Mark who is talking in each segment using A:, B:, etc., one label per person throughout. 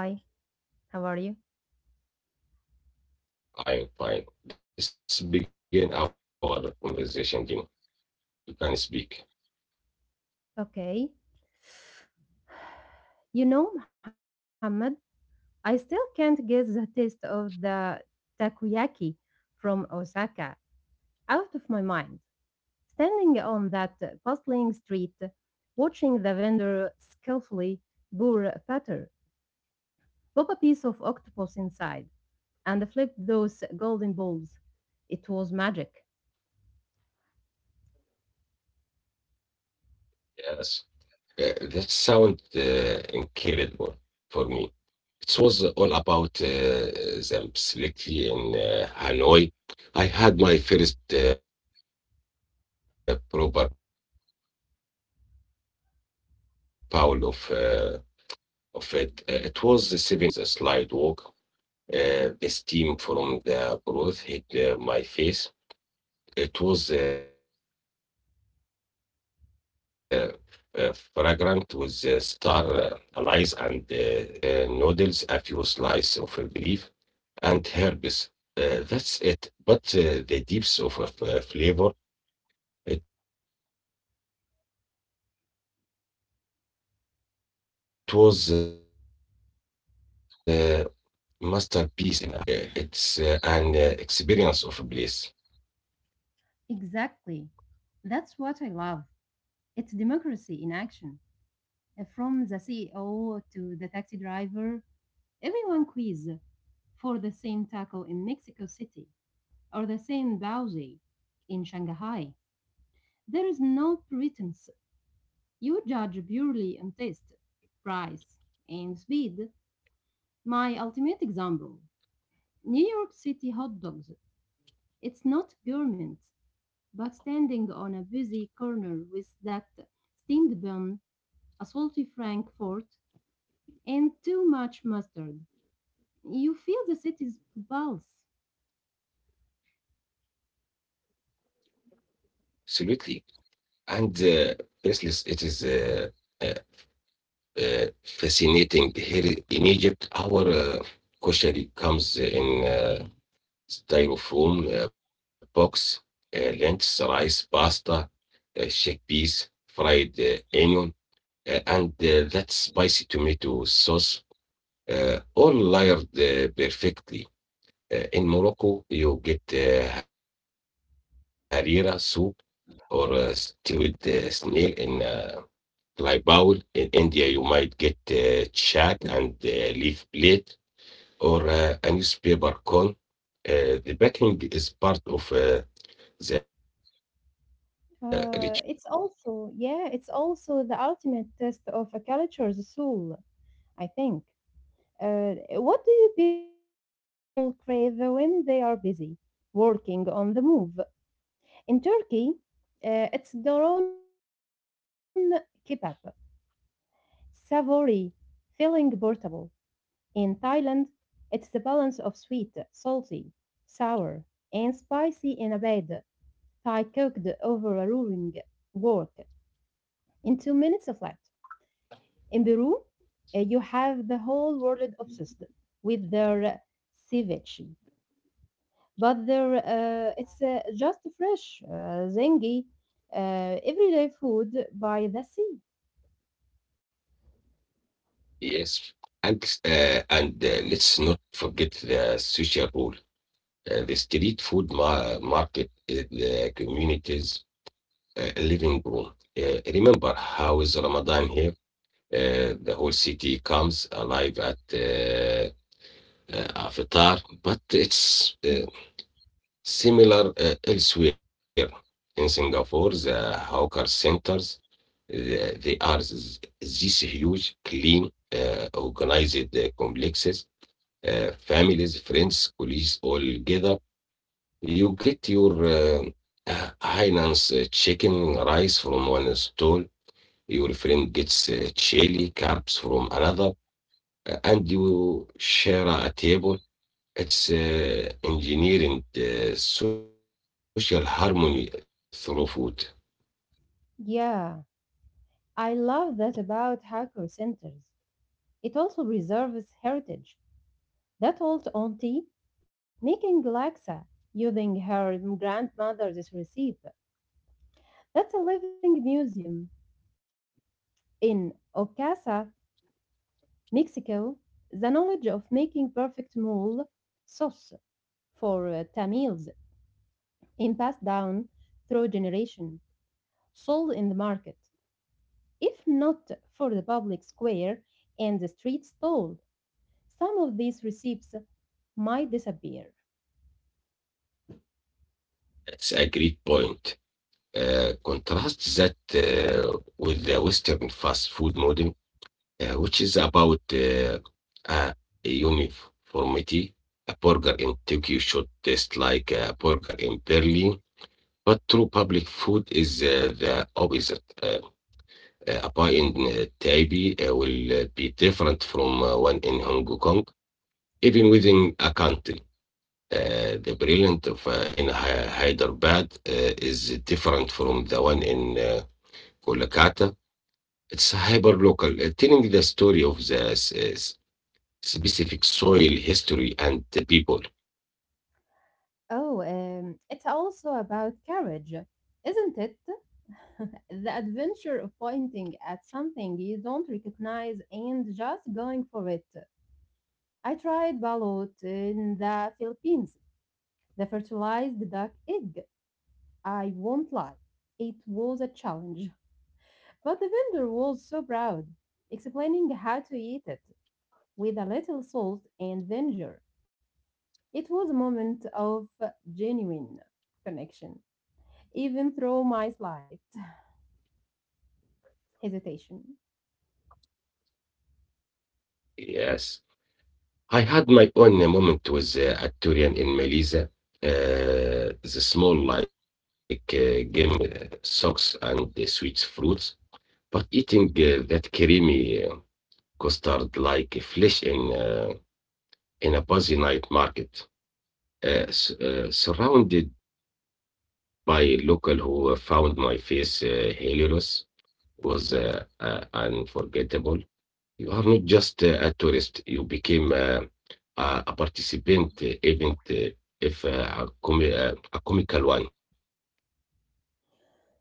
A: Hi, how are you? Okay. You know, Muhammad, I still can't get the taste of the takoyaki from Osaka out of my mind. Standing on that bustling street, watching the vendor skillfully pour batter, pop a piece of octopus inside, and flip those golden balls. It was magic. Exactly. That's what I love. It's democracy in action. From the CEO to the taxi driver, everyone quiz for the same taco in Mexico City or the same baozi in Shanghai. There is no pretense. You judge purely on taste, price, and speed. My ultimate example, New York City hot dogs. It's not gourmet, but standing on a busy corner with that steamed bun, a salty Frankfurt, and too much mustard, you feel the city's pulse. It's also the ultimate test of a culture's soul, I think. Uh, what do you people crave when they are busy, working on the move? In Turkey, it's doron kebab, savory, filling portable. In Thailand, it's the balance of sweet, salty, sour, and spicy in a bed, Thai cooked over a roaring wok in two minutes of flat. In Peru, you have the whole world obsessed with their ceviche, but their it's just fresh, zingy, everyday food by the sea. Mm. Yeah. I love that about hacker centers. It also preserves heritage. That old auntie making laksa using her grandmother's recipe. That's a living museum. In Ocasa, Mexico, the knowledge of making perfect mole sauce for tamales is passed down through generation, sold in the market. If not for the public square and the street stall, some of these receipts might disappear. Oh, it's also about courage, isn't it? The adventure of pointing at something you don't recognize and just going for it. I tried balut in the Philippines, the fertilized duck egg. I won't lie, it was a challenge, but the vendor was so proud, explaining how to eat it with a little salt and vinegar. It was a moment of genuine connection, even through my slight hesitation.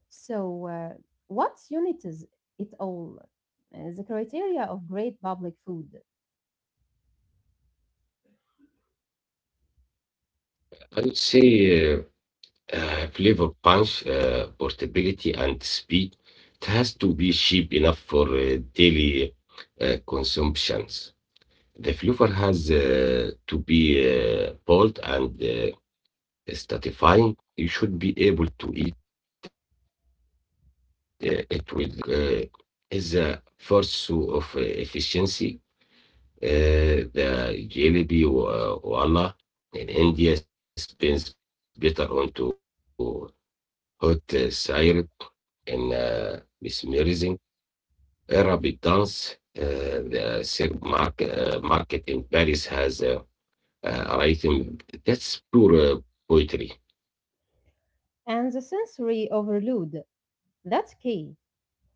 A: So, what unites it all? The criteria of great public food and the sensory overload. That's key.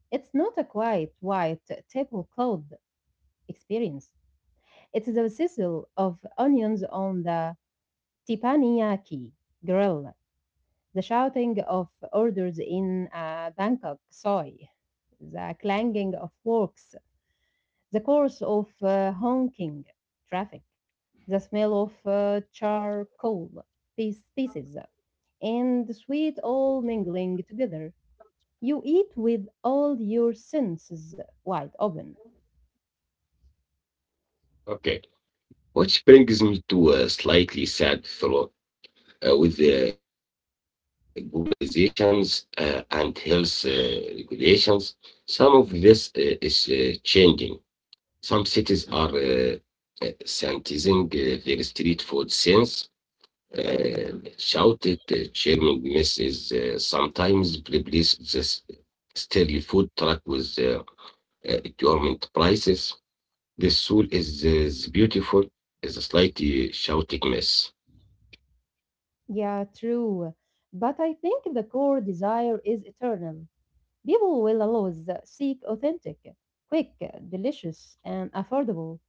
A: It's not a quiet white tablecloth experience. It's the sizzle of onions on the teppanyaki grill, the shouting of orders in a Bangkok soy, the clanging of forks, the chorus of honking traffic, the smell of charcoal pieces, and sweet all mingling together. You eat with all your senses wide open. Yeah, true. But I think the core desire is eternal. People will always seek authentic, quick, delicious, and affordable.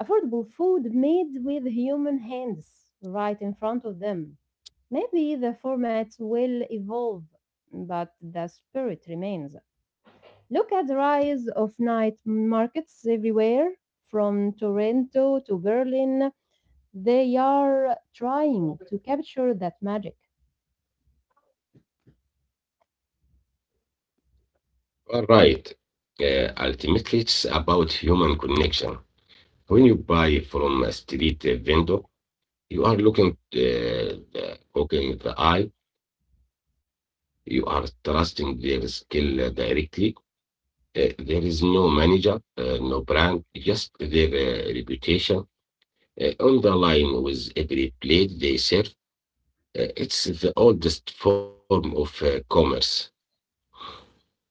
A: affordable food made with human hands right in front of them. Maybe the formats will evolve, but the spirit remains. Look at the rise of night markets everywhere, from Toronto to Berlin. They are trying to capture that magic.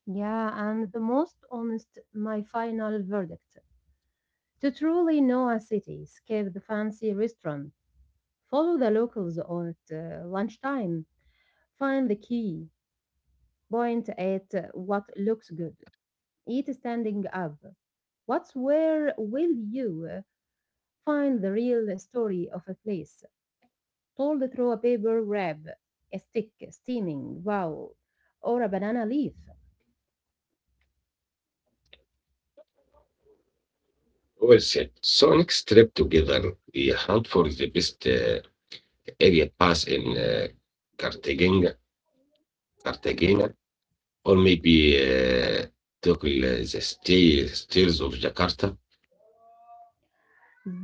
A: Yeah, and the most honest, my final verdict. To truly know a city, skip the fancy restaurant, follow the locals at lunchtime, find the key. Point at what looks good. Eat standing up. What's where will you find the real story of a place, told through a paper wrap, a stick, steaming, wow, or a banana leaf?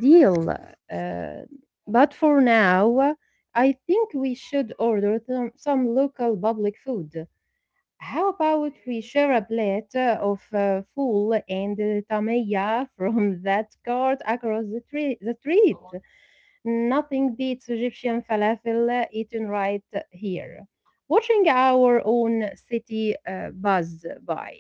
A: Deal. uh, but for now, I think we should order some local public food. How about we share a plate of full and tamaya from that cart across the street? Nothing beats Egyptian falafel eaten right here. Watching our own city buzz by.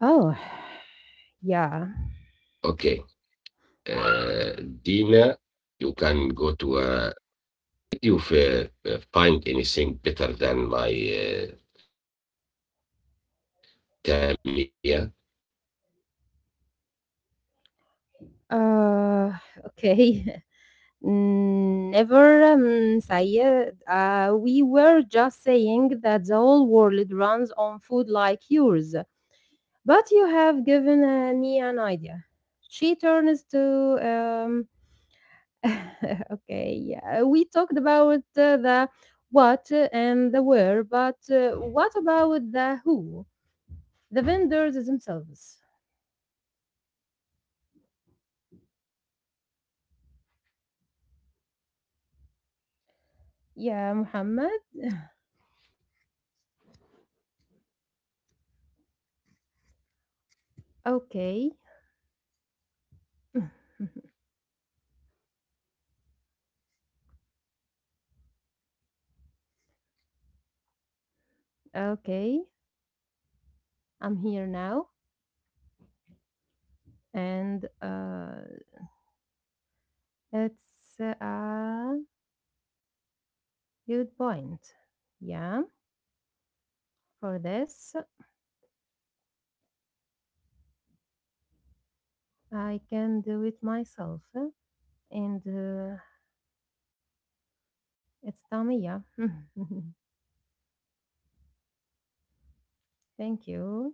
A: Oh, yeah. Uh, okay. Never say it. We were just saying that the whole world runs on food like yours. But you have given me an idea. She turns to, um, okay, yeah, we talked about the what and the where, but what about the who? The vendors themselves. Yeah, Muhammad. Okay, okay, I'm here now. And it's a good point. Yeah, for this, I can do it myself. And it's Tamiya. Thank you.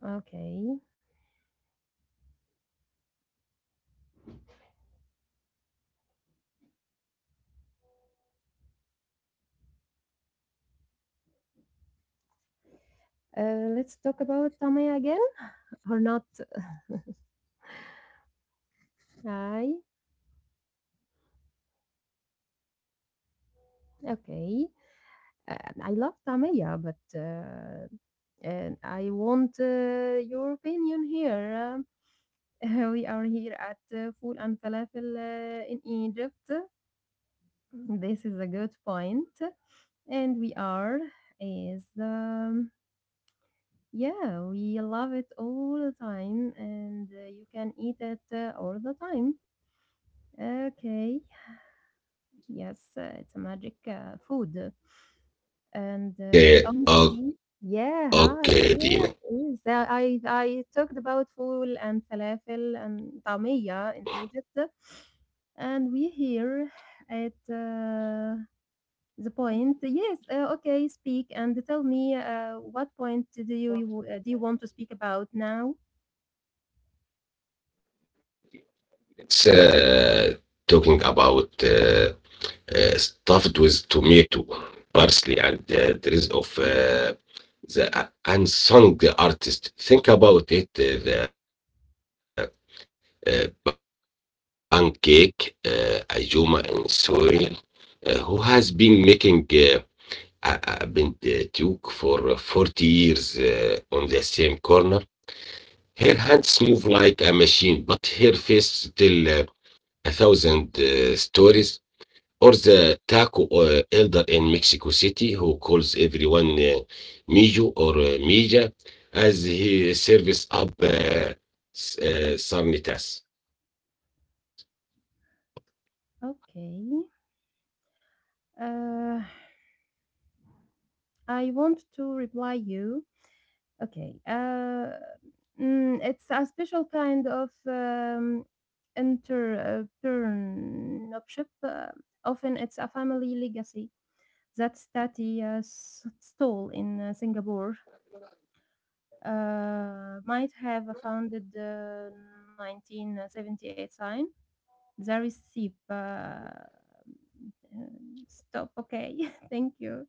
A: Okay. Let's talk about Tamiya again or not? I Okay. I love Tamiya, but and I want your opinion here. We are here at Food and Falafel in Egypt. This is a good point, and we are is. Yeah, we love it all the time, and you can eat it all the time. Okay, yes, it's a magic food.
B: Okay,
A: And
B: o-
A: honestly, yeah, hi,
B: okay, Dina.
A: yeah, it is. I talked about fool and falafel and tamia in Egypt, and we here at the point. Yes, okay, speak and tell me what point do you want to speak about now?
B: It's talking about stuffed with tomato, parsley, and there is of the unsung artist. Think about it, the pancake Ayuma and soil, who has been making a Duke for 40 years on the same corner. Her hands move like a machine, but her face still. A thousand stories, or the taco elder in Mexico City who calls everyone Mijo or Mija as he serves up sarnitas.
A: Okay. Uh, I want to reply you. Okay. It's a special kind of entrepreneurship. Uh, Often it's a family legacy that study stall in Singapore might have a founded 1978 sign. The receipt. Stop. Okay, thank you.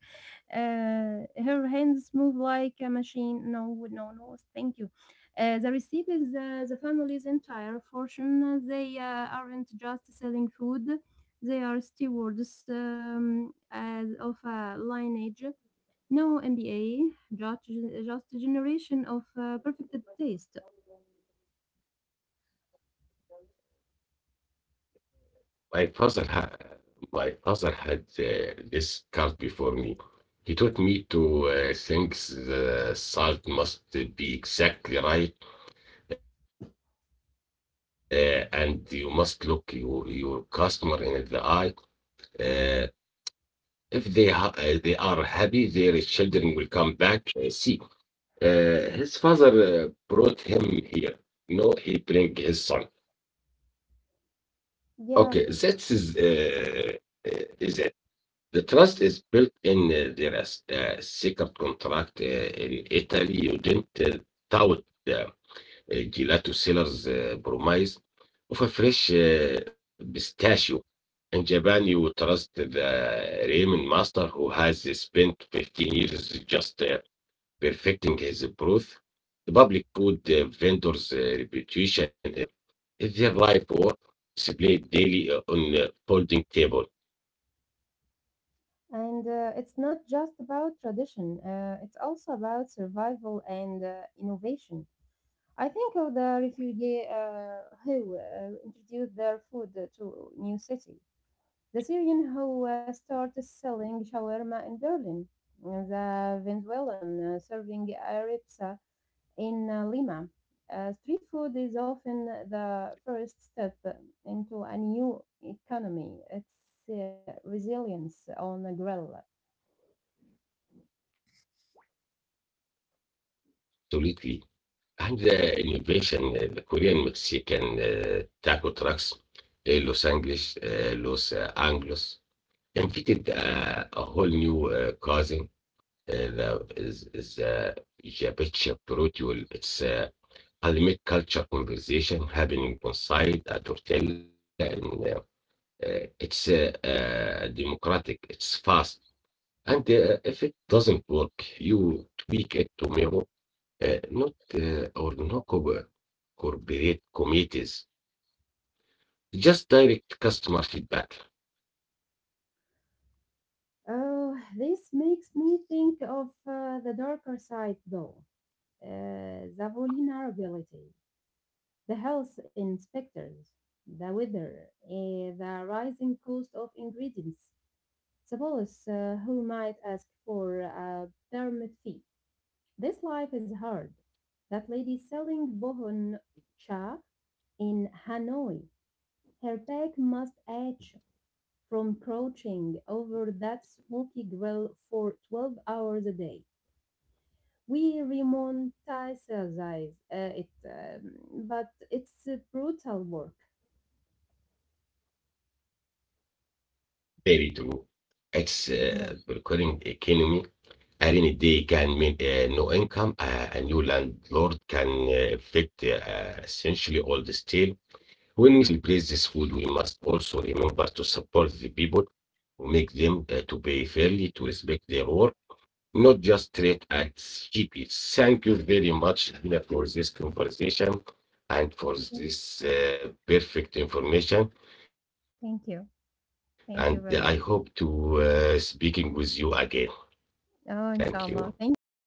A: Her hands move like a machine. No, no, no. Thank you. The receipt is the family's entire fortune. They aren't just selling food; they are stewards as of a lineage. No MBA, just just a generation of perfect taste.
B: My father, ha- my father had this card before me. He taught me to think the salt must be exactly right, and you must look your customer in the eye. Uh, If they are happy, their children will come back. See, his father uh, brought him here. No, he bring his son. Okay, that is it. The trust is built in there is a secret contract in Italy. You didn't tout the gelato seller's promise of a fresh pistachio in Japan, you would trust the ramen master who has spent 15 years just perfecting his broth. The public food vendor's reputation is their life work displayed daily on a folding table.
A: And it's not just about tradition, it's also about survival and innovation. I think of the refugee who introduced their food to new city, the Syrian who started selling shawarma in Berlin, the Venezuelan serving arepsa in Lima. Street food is often the first step into a new economy. It's resilience on a grill.
B: Absolutely. And the innovation, the Korean Mexican taco trucks, Los Angeles, Los Anglos, invented a whole new cuisine is Jabecha Protocol. It's a Parliament culture conversation happening on site at Tortella, and it's democratic. It's fast, and if it doesn't work, you tweak it tomorrow. Not or No corporate committees, just direct customer feedback.
A: Oh, this makes me think of the darker side, though. The vulnerability, the health inspectors, the weather, eh, the rising cost of ingredients, the police who might ask for a permit fee. This life is hard. That lady selling bohon cha in Hanoi, her back must ache from crouching over that smoky grill for 12 hours a day. We romanticize it, but it's a brutal work.
B: Very true. It's
A: Yeah.
B: recurring economy. A rainy day can mean no income. A new landlord can affect essentially all the state. When we celebrate this food, we must also remember to support the people who make them, to pay fairly, to respect their work, not just trade at cheap. Thank you very much, Dina, for this conversation and for this perfect information. And
A: Thank you.
B: I hope to
A: Thank you very much.
B: speaking with you again. Thank you.
A: Oh, inshallah. Thank you.